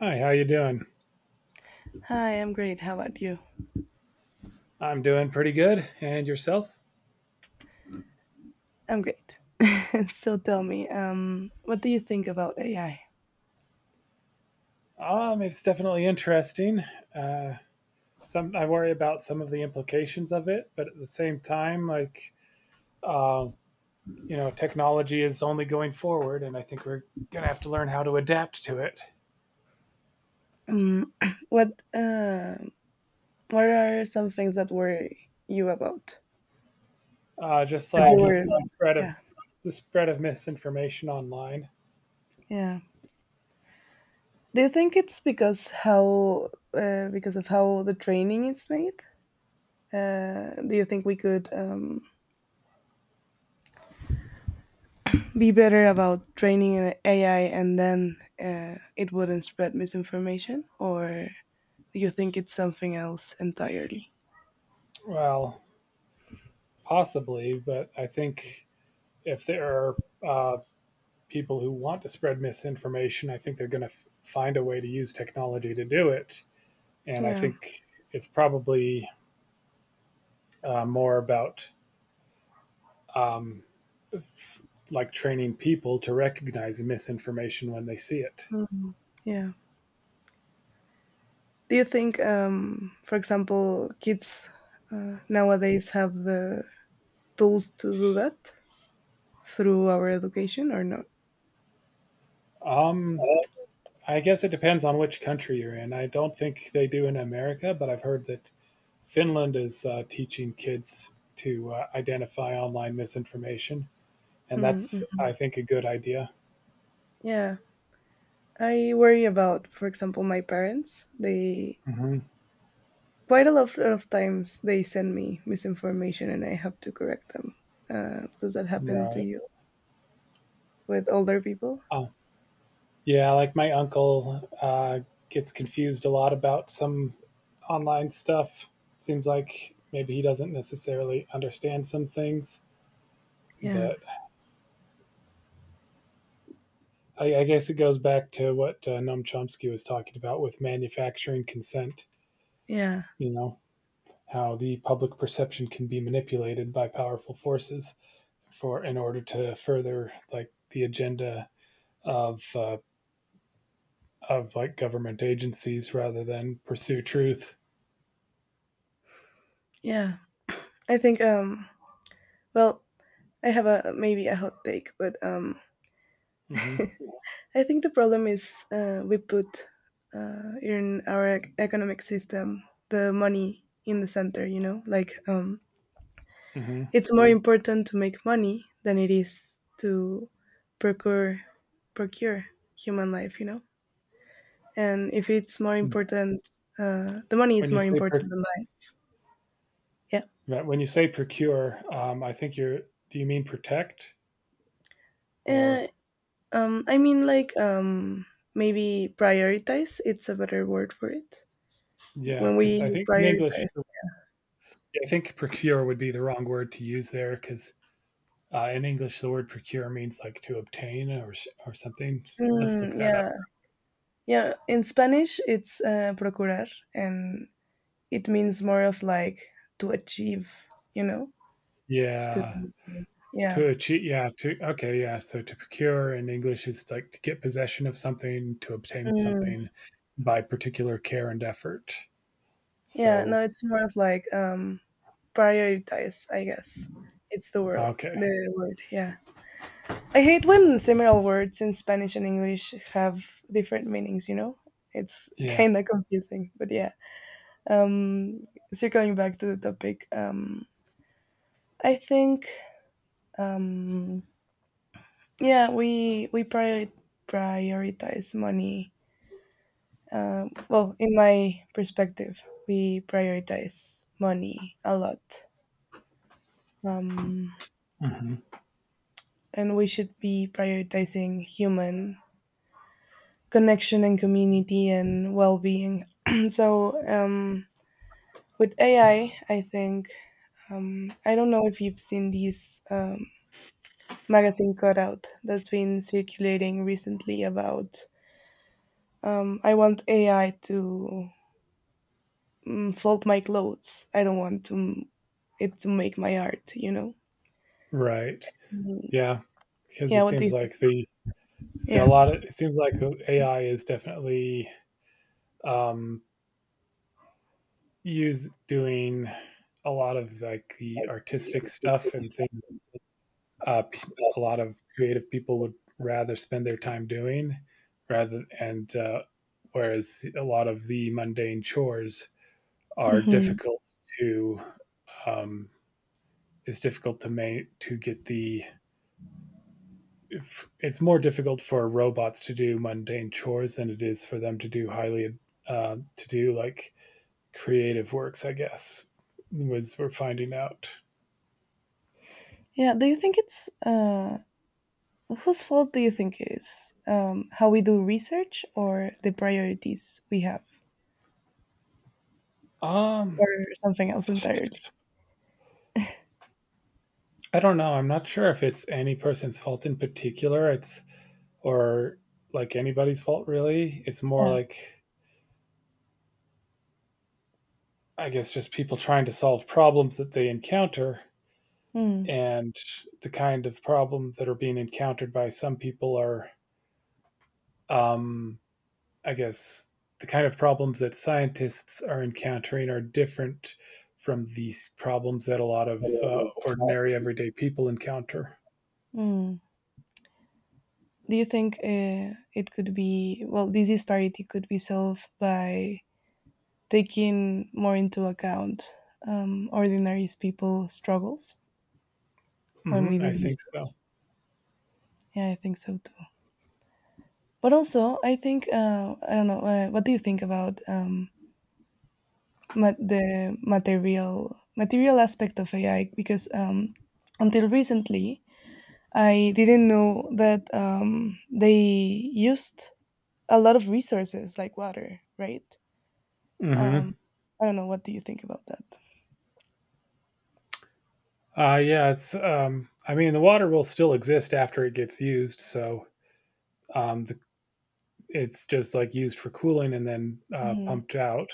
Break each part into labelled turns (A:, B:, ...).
A: Hi, how you doing?
B: Hi, I'm great. How about you?
A: I'm doing pretty good, and yourself?
B: I'm great. So tell me, what do you think about AI?
A: It's definitely interesting. Uh, some I worry about some of the implications of it, but at the same time, like, uh, technology is only going forward, and I think we're gonna have to learn how to adapt to it.
B: Um, what uh, what are some things that worry you about?
A: Just
B: That you
A: like,
B: worry about?
A: spread of
B: Yeah,
A: the spread of misinformation online.
B: yeah. Do you think it's because how because of how the training is made? Do you think we could be better about training an AI and then it wouldn't spread misinformation, or do you think it's something else entirely?
A: Well, possibly, but I think if there are uh, people who want to spread misinformation, I think they're going to find a way to use technology to do it. And I
B: Yeah.
A: think it's probably more about um, like training people to recognize misinformation when they see it.
B: Mm, yeah. Do you think, for example, kids nowadays have the tools to do that through our education or not?
A: Um, I guess it depends on which country you're in. I don't think they do in America, but I've heard that Finland is teaching kids to identify online misinformation. And
B: Mm,
A: that's,
B: mhm.
A: I think, a good idea.
B: Yeah. I worry about, for example, my parents. They
A: Mm-hmm.
B: quite a lot of times they send me misinformation and I have to correct them. Does that happen to
A: Right.
B: you with older people?
A: Um, Yeah, like my uncle gets confused a lot about some online stuff. Seems like maybe he doesn't necessarily understand some things,
B: Yeah.
A: but I guess it goes back to what Noam Chomsky was talking about with manufacturing consent.
B: Yeah.
A: You know how the public perception can be manipulated by powerful forces for in order to further like the agenda of uh, of like government agencies rather than pursue truth.
B: Yeah. I think well, I have a maybe a hot take, but
A: Hmm.
B: I think the problem is we put in our economic system the money in the center, you know? Like,
A: Hmm.
B: it's more important to make money than it is to procure, procure human life, you know? And if it's more important, the money
A: When
B: is
A: you
B: more
A: say per,
B: important than life. Yeah.
A: right, when you say procure, I think you're. Do you mean protect
B: Uh,
A: or?
B: I mean, like, maybe prioritize, it's a better word for it.
A: Yeah,
B: When
A: because I
B: we
A: think in English,
B: prioritize.
A: I think procure would be the wrong word to use there. Because in English, the word procure means like to obtain or or something. Let's look
B: Mm,
A: that up.
B: yeah. Yeah, in Spanish, it's procurar, and it means more of like to achieve, you know, to,
A: Yeah,
B: yeah.
A: to achieve. Yeah, to okay. Yeah, so to procure in English is like to get possession of something, to obtain
B: Mm,
A: something by particular care and effort.
B: yeah,
A: So
B: no, it's more of like prioritize, I guess. It's the word,
A: okay.
B: yeah. I hate when similar words in Spanish and English have different meanings, you know? It's
A: Yeah.
B: kind of confusing, but yeah. Um, Circling back to the topic, I think um, yeah, prioritize money. Well, in my perspective, we prioritize money a lot, um,
A: Hmm.
B: and we should be prioritizing human connection and community and well-being. So with AI, I think I don't know if you've seen these magazine cutout that's been circulating recently about I want AI to fold my clothes. I don't want to it to make my art. You know.
A: Right.
B: Mm,
A: Yeah, because
B: yeah.
A: it
B: What do you
A: seems
B: think?
A: like the yeah, a
B: Yeah.
A: lot of it seems like the AI is definitely, um, use doing a lot of, like, the artistic stuff and things, p a lot of creative people would rather spend their time doing rather and, uh, whereas a lot of the mundane chores are
B: Hmm.
A: difficult to, um, it's difficult to make to get the it's more difficult for robots to do mundane chores than it is for them to do like creative works. I guess was we're finding out.
B: Yeah. Do you think it's whose fault do you think is how we do research or the priorities we have
A: Um,
B: or something else entirely?
A: I don't know. I'm not sure if it's any person's fault in particular. It's or like anybody's fault really. It's more
B: Yeah.
A: like I guess just people trying to solve problems that they encounter
B: Mm.
A: and the kind of problem that are being encountered by some people are um I guess the kind of problems that scientists are encountering are different from these problems that a lot of ordinary everyday people encounter.
B: Mm. Do you think it could be well, this disparity could be solved by taking more into account ordinary people's struggles when we
A: Hmm. I
B: do
A: think
B: research.
A: so.
B: Yeah, I think so too. But also, I think I don't know. What do you think about the material aspect of AI? Because until recently, I didn't know that they used a lot of resources like water, right? Um,
A: Hmm.
B: I don't know. What do you think about that?
A: Yeah, it's. I mean, the water will still exist after it gets used, so um, the, it's just like used for cooling and then
B: Mhm.
A: pumped out.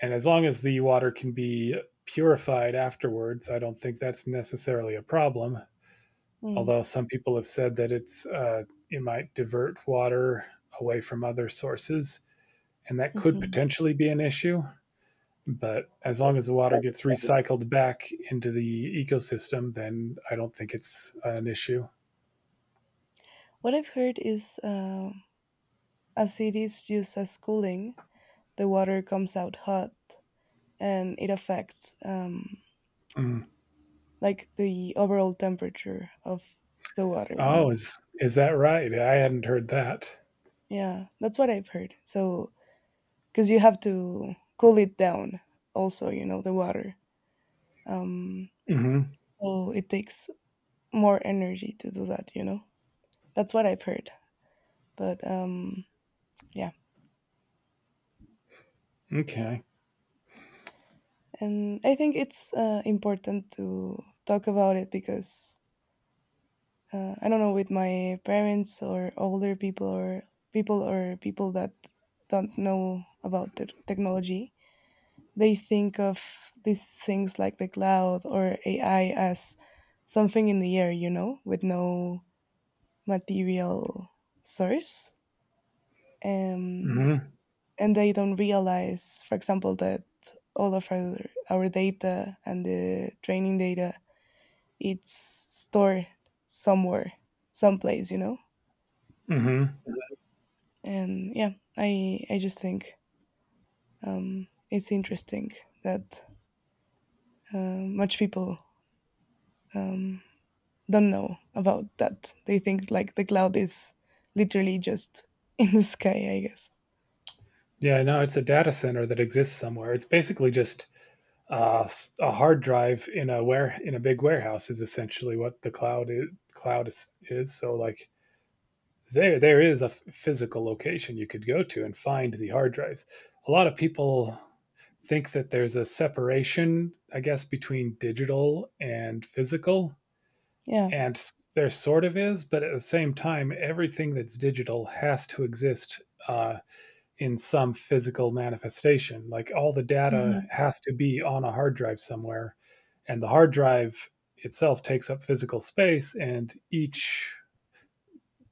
A: And as long as the water can be purified afterwards, I don't think that's necessarily a problem.
B: Mm,
A: Although some people have said that it might divert water away from other sources, and that could
B: mhm.
A: potentially be an issue. But as
B: But
A: long as the water
B: that was
A: gets
B: fun.
A: recycled back into the ecosystem, then I don't think it's an issue.
B: What I've heard is as it is used as cooling, the water comes out hot and it affects
A: Mm.
B: like the overall temperature of the water, you
A: Oh,
B: know?
A: is that right? I hadn't heard that.
B: Yeah, that's what I've heard. So, because you have to cool it down also, you know, the water. Um,
A: Hmm.
B: so it takes more energy to do that, you know? That's what I've heard. But yeah,
A: Okay.
B: and I think it's important to talk about it because I don't know, with my parents or older people or people that don't know about the technology, they think of these things like the cloud or AI as something in the air, you know, with no material source. Um,
A: Hmm.
B: and they don't realize, for example, that all of our data and the training data it's stored somewhere, someplace, you know.
A: Hmm.
B: Mm-hmm. And yeah, I just think it's interesting that much people um, don't know about that. They think like the cloud is literally just in the sky, I guess.
A: Yeah, no, it's a data center that exists somewhere. It's basically just a hard drive in a big warehouse is essentially what the cloud is. So like there is a physical location you could go to and find the hard drives. A lot of people think that there's a separation, I guess, between digital and physical,
B: Yeah.
A: and there sort of is, but at the same time, everything that's digital has to exist. In some physical manifestation. Like all the data
B: Mhm.
A: has to be on a hard drive somewhere, and the hard drive itself takes up physical space, and each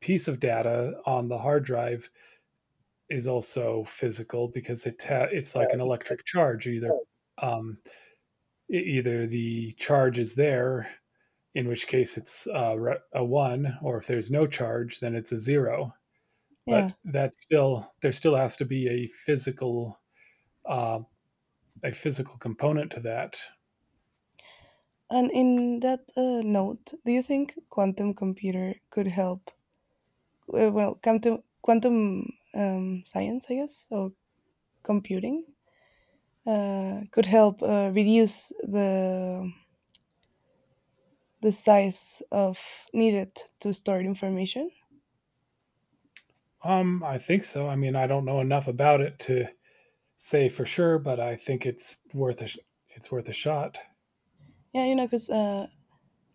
A: piece of data on the hard drive is also physical because it's like an electric charge. Um, Either the charge is there, in which case it's a one, or if there's no charge, then it's a zero.
B: Yeah.
A: But that still there still has to be a physical, uh, a physical component to that?
B: And in that note, do you think quantum computer could help? Well, quantum science, I guess, or computing, could help reduce the size of needed to store information.
A: I think so. I mean, I don't know enough about it to say for sure, but I think it's worth a shot.
B: Yeah, you know, because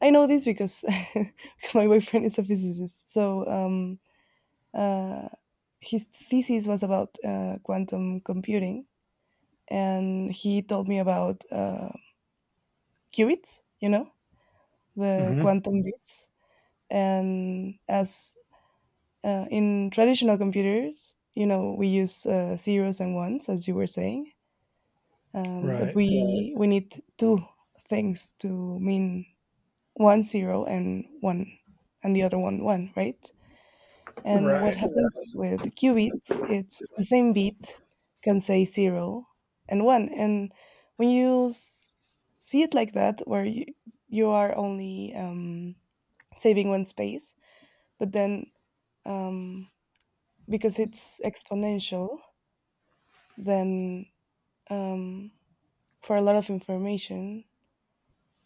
B: I know this because my boyfriend is a physicist, so uh, his thesis was about quantum computing, and he told me about. Qubits, you know, the
A: Hmm.
B: quantum bits. And as in traditional computers, you know, we use zeros and ones, as you were saying. But
A: Right,
B: we need two things to mean one zero and one, and the other one one, right? And what
A: right,
B: happens with qubits? It's the same bit can say zero and one, and when you see it like that, where you are only saving one space. But then, um, because it's exponential, then um, for a lot of information,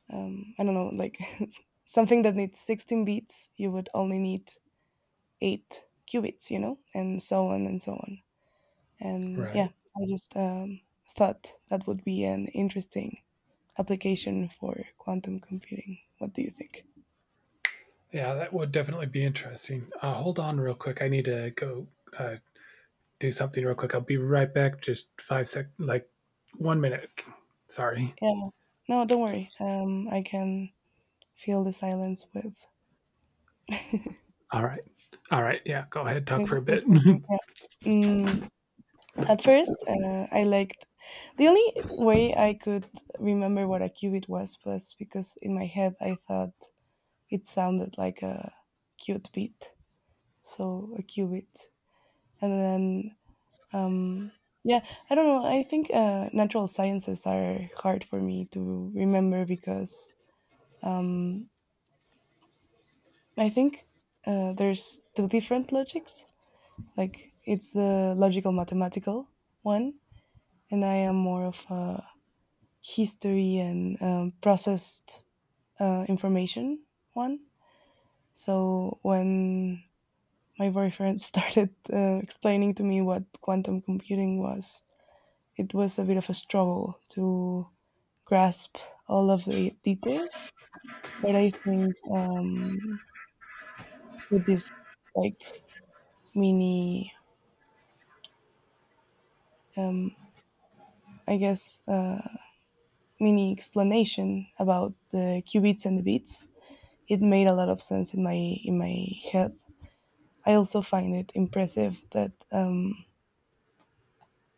B: I don't know, like something that needs 16 bits, you would only need eight qubits, you know, and so on and so on. And yeah,
A: right.
B: I just thought that would be an interesting application for quantum computing. What do you think?
A: Yeah, that would definitely be interesting. Hold on, real quick. I need to go uh, do something real quick. I'll be right back. Just 5 sec, like 1 minute. Sorry.
B: Yeah, no, don't worry. I can fill the silence with
A: All right. All right. Yeah. Go ahead. Talk for a
B: with
A: bit.
B: something. Yeah. Mm, at first, I liked the only way I could remember what a qubit was because in my head I thought it sounded like a cute beat, so a qubit. And then, um, yeah, I don't know. I think natural sciences are hard for me to remember because um, I think there's two different logics. Like it's the logical mathematical one and I am more of a history and processed information one. So when my boyfriend started explaining to me what quantum computing was, it was a bit of a struggle to grasp all of the details. But I think with this like mini, um, I guess, mini explanation about the qubits and the bits, it made a lot of sense in my in my head. I also find it impressive that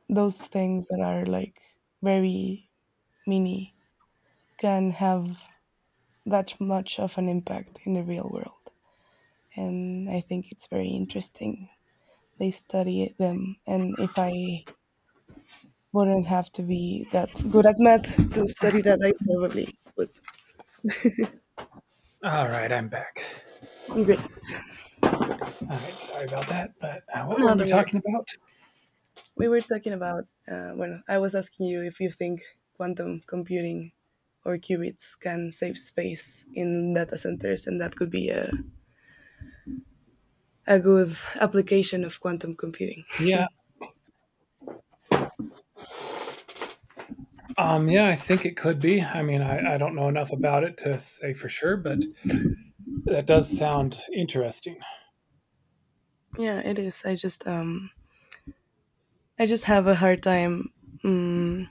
B: those things that are like very mini can have that much of an impact in the real world, and I think it's very interesting. They study them, and if I wouldn't have to be that good at math to study that, I probably would.
A: All right. I'm back.
B: Great.
A: All right. Sorry about that. But what were
B: No,
A: we
B: don't worry.
A: talking about?
B: We were talking about when I was asking you if you think quantum computing or qubits can save space in data centers, and that could be a good application of quantum computing.
A: Yeah. Yeah, I think it could be. I mean, I don't know enough about it to say for sure, but that does sound interesting.
B: Yeah, it is. I just have a hard time um,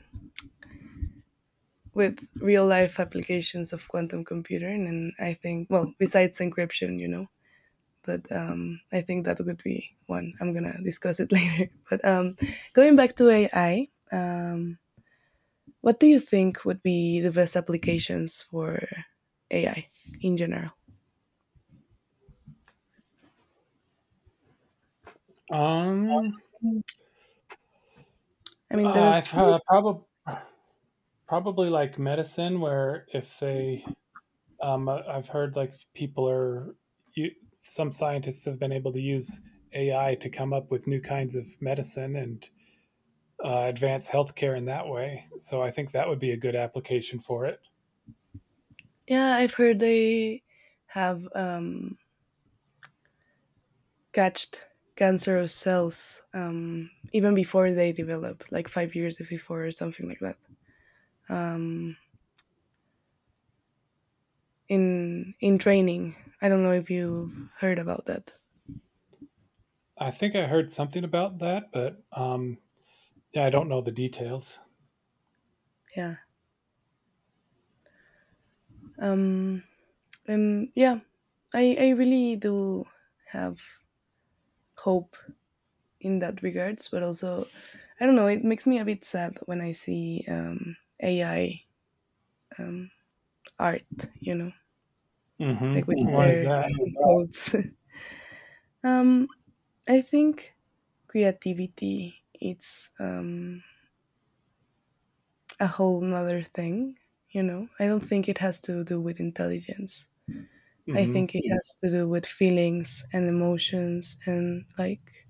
B: with real life applications of quantum computing, and I think well, besides encryption, you know. But I think that would be one. I'm gonna discuss it later. But going back to AI, what do you think would be the best applications for AI in general?
A: Um,
B: I mean, the best
A: I've
B: uses.
A: probably like medicine, where if they, I've heard like people are, you, some scientists have been able to use AI to come up with new kinds of medicine and advance healthcare in that way. So I think that would be a good application for it.
B: Yeah, I've heard they have catched cancer of cells even before they develop, like 5 years before or something like that. Um, in training, I don't know if you've heard about that.
A: I think I heard something about that, but yeah, I don't know the details.
B: Yeah. Um, and yeah, I really do have hope in that regards, but also I don't know, it makes me a bit sad when I see AI um, art, you know, like with
A: Mhm. Why is
B: their
A: that?
B: quotes. um, I think creativity it's a whole nother thing, you know. I don't think it has to do with intelligence. I think
A: Mhm.
B: it has to do with feelings and emotions and like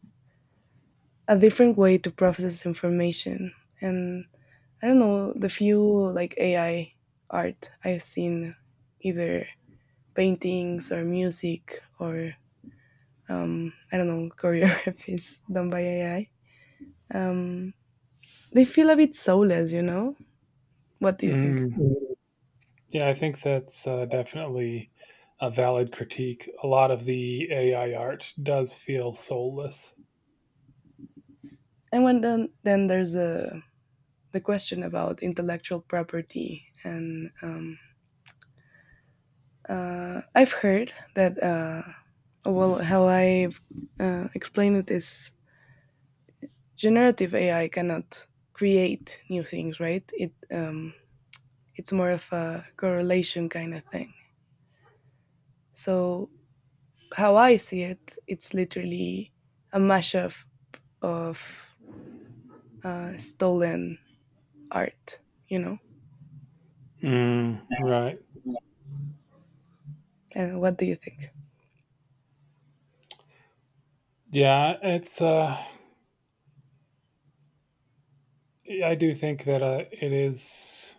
B: a different way to process information. And I don't know, the few like AI art I've seen, either paintings or music or I don't know, choreographies done by AI. Um, they feel a bit soulless, you know? What do you think?
A: Mm. Yeah, I think that's, definitely a valid critique. A lot of the AI art does feel soulless.
B: And when then there's the question about intellectual property. And I've heard that, well, how I've explained it is generative AI cannot create new things, right? It it's more of a correlation kind of thing. So how I see it, it's literally a mashup of stolen art, you know.
A: Mm, right.
B: And what do you think?
A: Yeah, I do think that, it is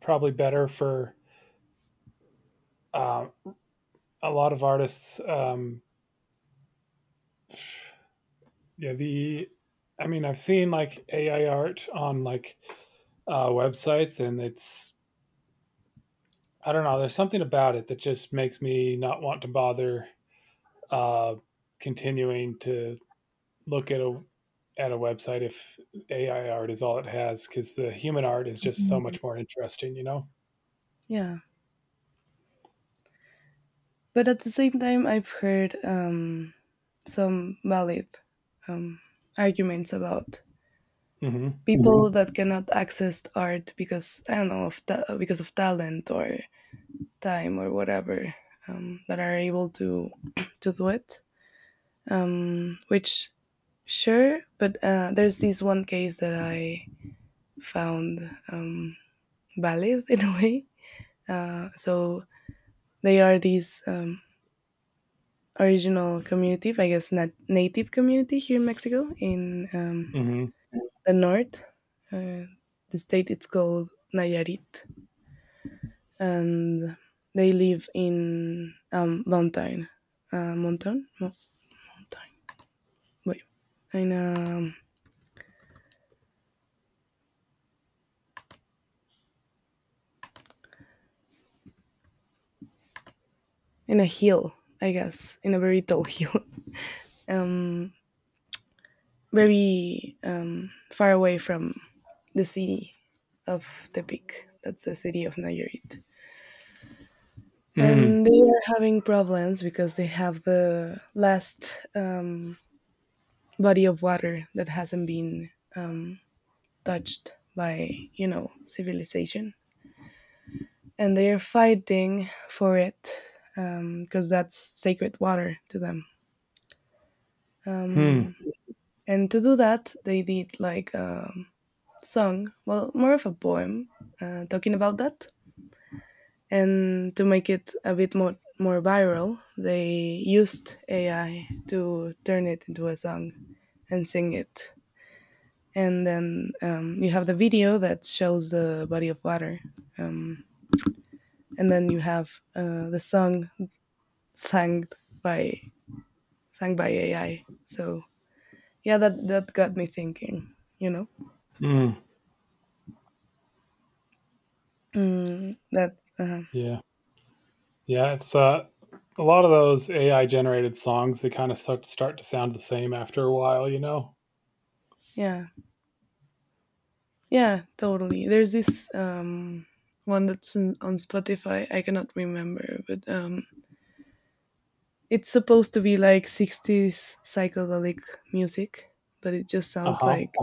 A: probably better for, uh, a lot of artists, yeah, the I mean, I've seen, like, AI art on, like, websites, and it's I don't know, there's something about it that just makes me not want to bother uh, continuing to look at a website if AI art is all it has because the human art is just so
B: Mm.
A: much more interesting.
B: Yeah, but at the same time, I've heard some valid um, arguments about
A: Mm-hmm.
B: people that cannot access art because I don't know of because of talent or time or whatever that are able to to do it. Which sure, but there's this one case that I found um, valid in a way. So they are these original community, I guess, native community here in Mexico in
A: Mm-hmm.
B: the north. Uh, the state it's called Nayarit, and they live in mountain, uh, mountain, mountain. But in a in a hill, I guess, in a very tall hill, very far away from the city of Tepic. That's the city of Nayarit. And they are having problems because they have the last body of water that hasn't been touched by civilization. And they are fighting for it because that's sacred water to them.
A: Mm-hmm.
B: Um, And to do that, they did like a song, well, more of a poem talking about that. And to make it a bit more, viral, they used AI to turn it into a song and sing it. And then you have the video that shows the body of water. Um, and then you have the song sung by sung by AI. So yeah, that got me thinking. You know,
A: Mm-hmm.
B: mm, that
A: Yeah. Yeah. It's a lot of those AI generated songs. They kind of start to sound the same after a while.
B: Yeah. Yeah, totally. There's this one that's on Spotify. I cannot remember, but it's supposed to be like 60s psychedelic music, but it just
A: Uh
B: sounds
A: huh.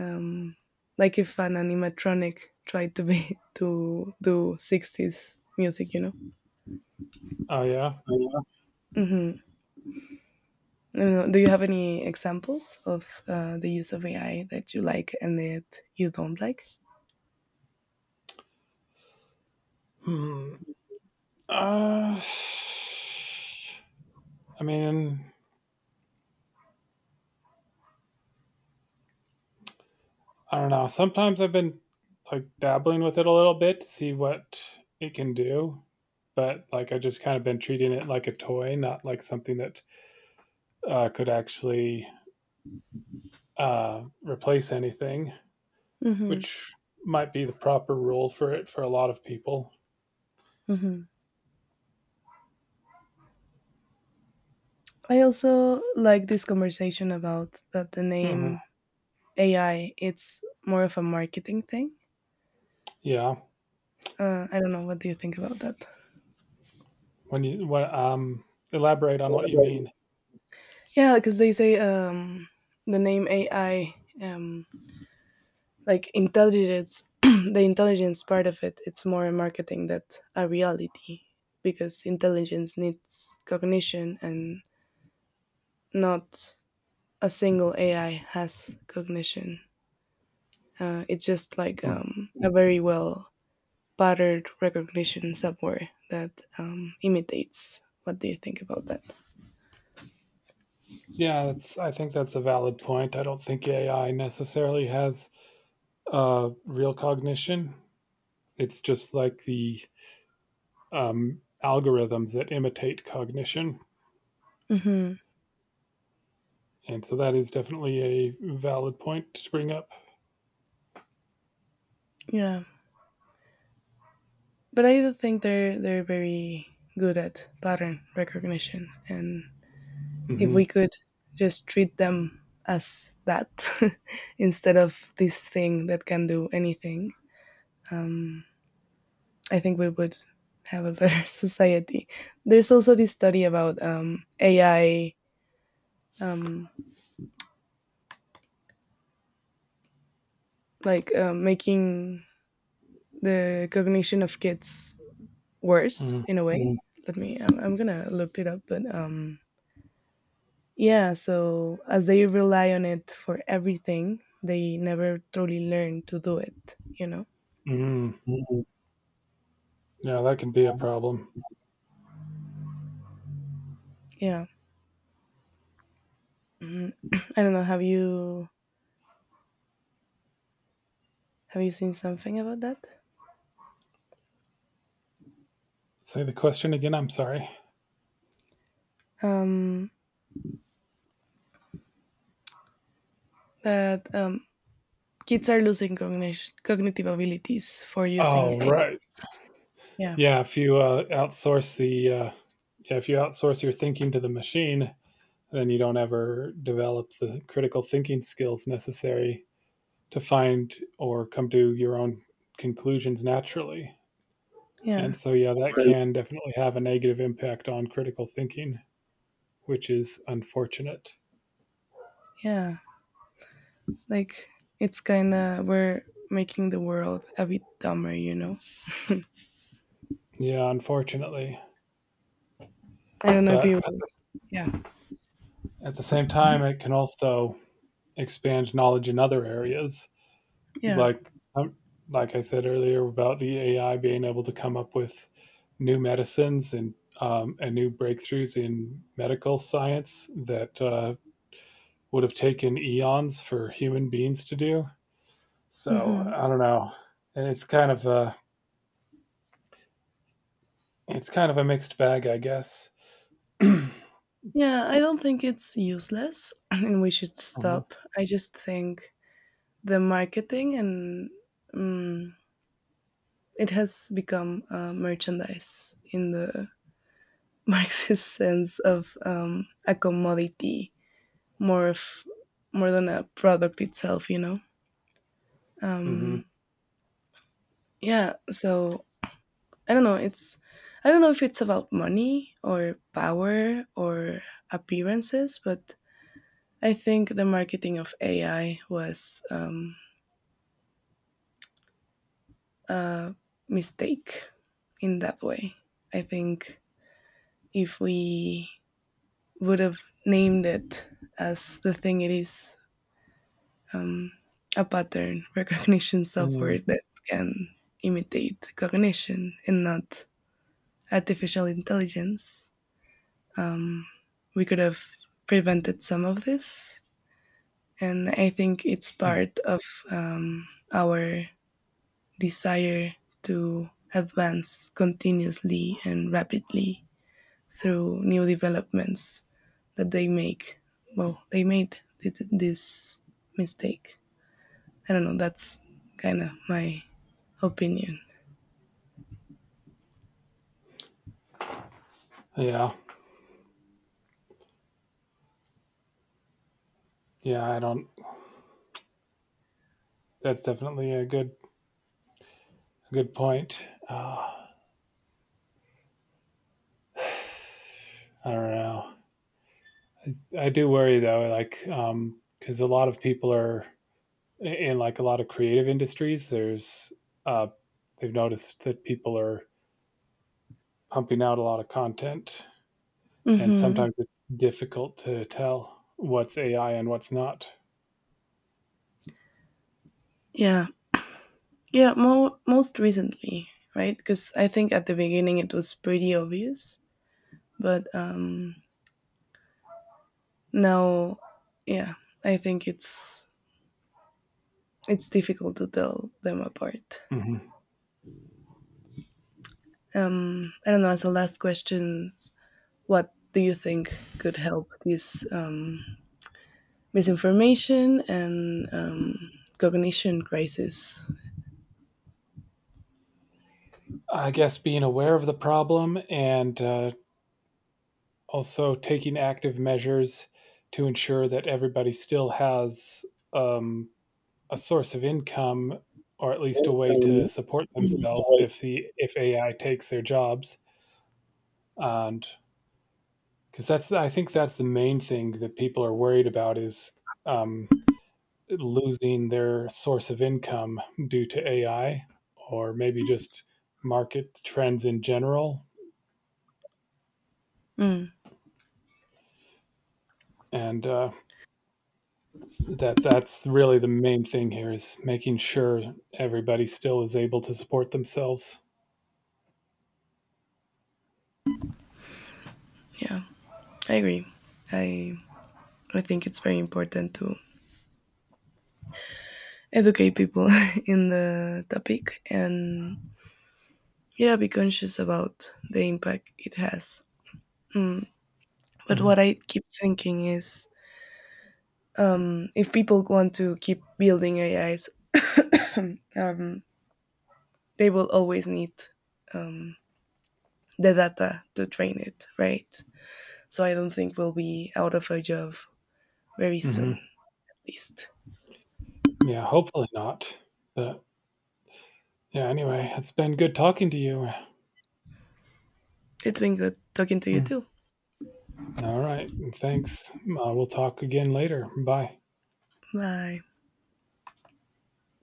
B: um, like if an animatronic tried to be to do 60s music, you know.
A: Oh yeah.
B: Yeah. Mm-hmm. Do you have any examples of the use of AI that you like and that you don't like?
A: Hmm. Uh, I mean, I don't know. Sometimes I've been like dabbling with it a little bit to see what it can do, but like I just kind of been treating it like a toy, not like something that could actually replace anything,
B: Mm-hmm.
A: which might be the proper rule for it for a lot of people.
B: Mm-hmm. I also like this conversation about that the
A: Hmm.
B: name AI. It's more of a marketing thing.
A: Yeah.
B: I don't know. What do you think about that?
A: When you when Elaborate on what you mean.
B: Yeah, because they say the name AI, um, like intelligence, the intelligence part of it, it's more a marketing than a reality because intelligence needs cognition and not a single AI has cognition. It's just like
A: Hmm.
B: a very well patterned recognition software that imitates. What do you think about that?
A: Yeah, that's I think that's a valid point. I don't think AI necessarily has real cognition. It's just like the algorithms that imitate cognition.
B: Hmm.
A: And so that is definitely a valid point to bring up.
B: Yeah, but I do think they're very good at pattern recognition, and if
A: Mm-hmm.
B: we could just treat them as that instead of this thing that can do anything, um, I think we would have a better society. There's also this study about AI, um, like making the cognition of kids worse in a way. Mm. Let me. I'm gonna look it up, but yeah. So as they rely on it for everything, they never truly learn to do it, you know.
A: Mm-hmm.
B: Mhm.
A: Yeah, that can be a
B: Mhm.
A: problem.
B: Yeah. I don't know. Have you seen something about that?
A: Say the question again. I'm sorry.
B: Um, that um, Kids are losing cognition, cognitive abilities for using
A: Oh,
B: AI.
A: right.
B: Yeah.
A: Yeah, if you outsource the yeah, if you outsource your thinking to the machine, then you don't ever develop the critical thinking skills necessary to find or come to your own conclusions naturally.
B: Yeah.
A: And so, yeah, that
B: Okay.
A: can definitely have a negative impact on critical thinking, which is unfortunate.
B: Yeah. Like it's kind of we're making the world a bit dumber, you know.
A: Yeah, unfortunately.
B: I don't know if
A: But
B: you. Yeah.
A: at the same time, it can also expand knowledge in other areas,
B: Yeah.
A: like um, like I said earlier about the AI being able to come up with new medicines and new breakthroughs in medical science that would have taken eons for human beings to do. So
B: Mhm.
A: I don't know. And it's kind of a mixed bag, I guess.
B: Yeah, I don't think it's useless and we should
A: Hmm.
B: stop. I just think the marketing and mm, it has become merchandise in the Marxist sense of a commodity, more of more than a product itself, you know.
A: Hmm.
B: Um, yeah, so I don't know. It's. I don't know if it's about money or power or appearances, but I think the marketing of AI was a mistake in that way. I think if we would have named it as the thing it is, um, a pattern recognition software
A: Mm.
B: that can imitate cognition and not artificial intelligence, um, we could have prevented some of this. And I think it's part of um, our desire to advance continuously and rapidly through new developments that they make. Well, they made this mistake. I don't know. That's kind of my opinion.
A: Yeah. Yeah, I don't. That's definitely a good point. I don't know. I do worry though, like because a lot of people are in like a lot of creative industries. There's uh, they've noticed that people are pumping out a lot of content, and
B: Hmm.
A: sometimes it's difficult to tell what's AI and what's not.
B: Yeah. Yeah. Mo- most recently, right? Because I think at the beginning it was pretty obvious, but now, yeah, I think it's difficult to tell them apart.
A: Mhm.
B: I don't know. As a last question, what do you think could help this misinformation and cognition crisis?
A: I guess being aware of the problem and also taking active measures to ensure that everybody still has um, a source of income or at least a way to
B: Um,
A: support themselves if AI takes their jobs, and because that's I think that's the main thing that people are worried about is um, losing their source of income due to AI or maybe just market trends in general,
B: Mm,
A: and that's really the main thing here is making sure everybody still is able to support themselves.
B: yeah, I agree. I I think it's very important to educate people in the topic and yeah, be conscious about the impact it has. But what
A: Mm-hmm.
B: I keep thinking is, if people want to keep building AIs, um, they will always need um, the data to train it, right? So I don't think we'll be out of our job very soon,
A: Mm-hmm.
B: at least.
A: Yeah, hopefully not. But Yeah, anyway, it's been good talking to you.
B: It's been good talking to you
A: Mm.
B: too.
A: All right. Thanks. We'll talk again later. Bye.
B: Bye.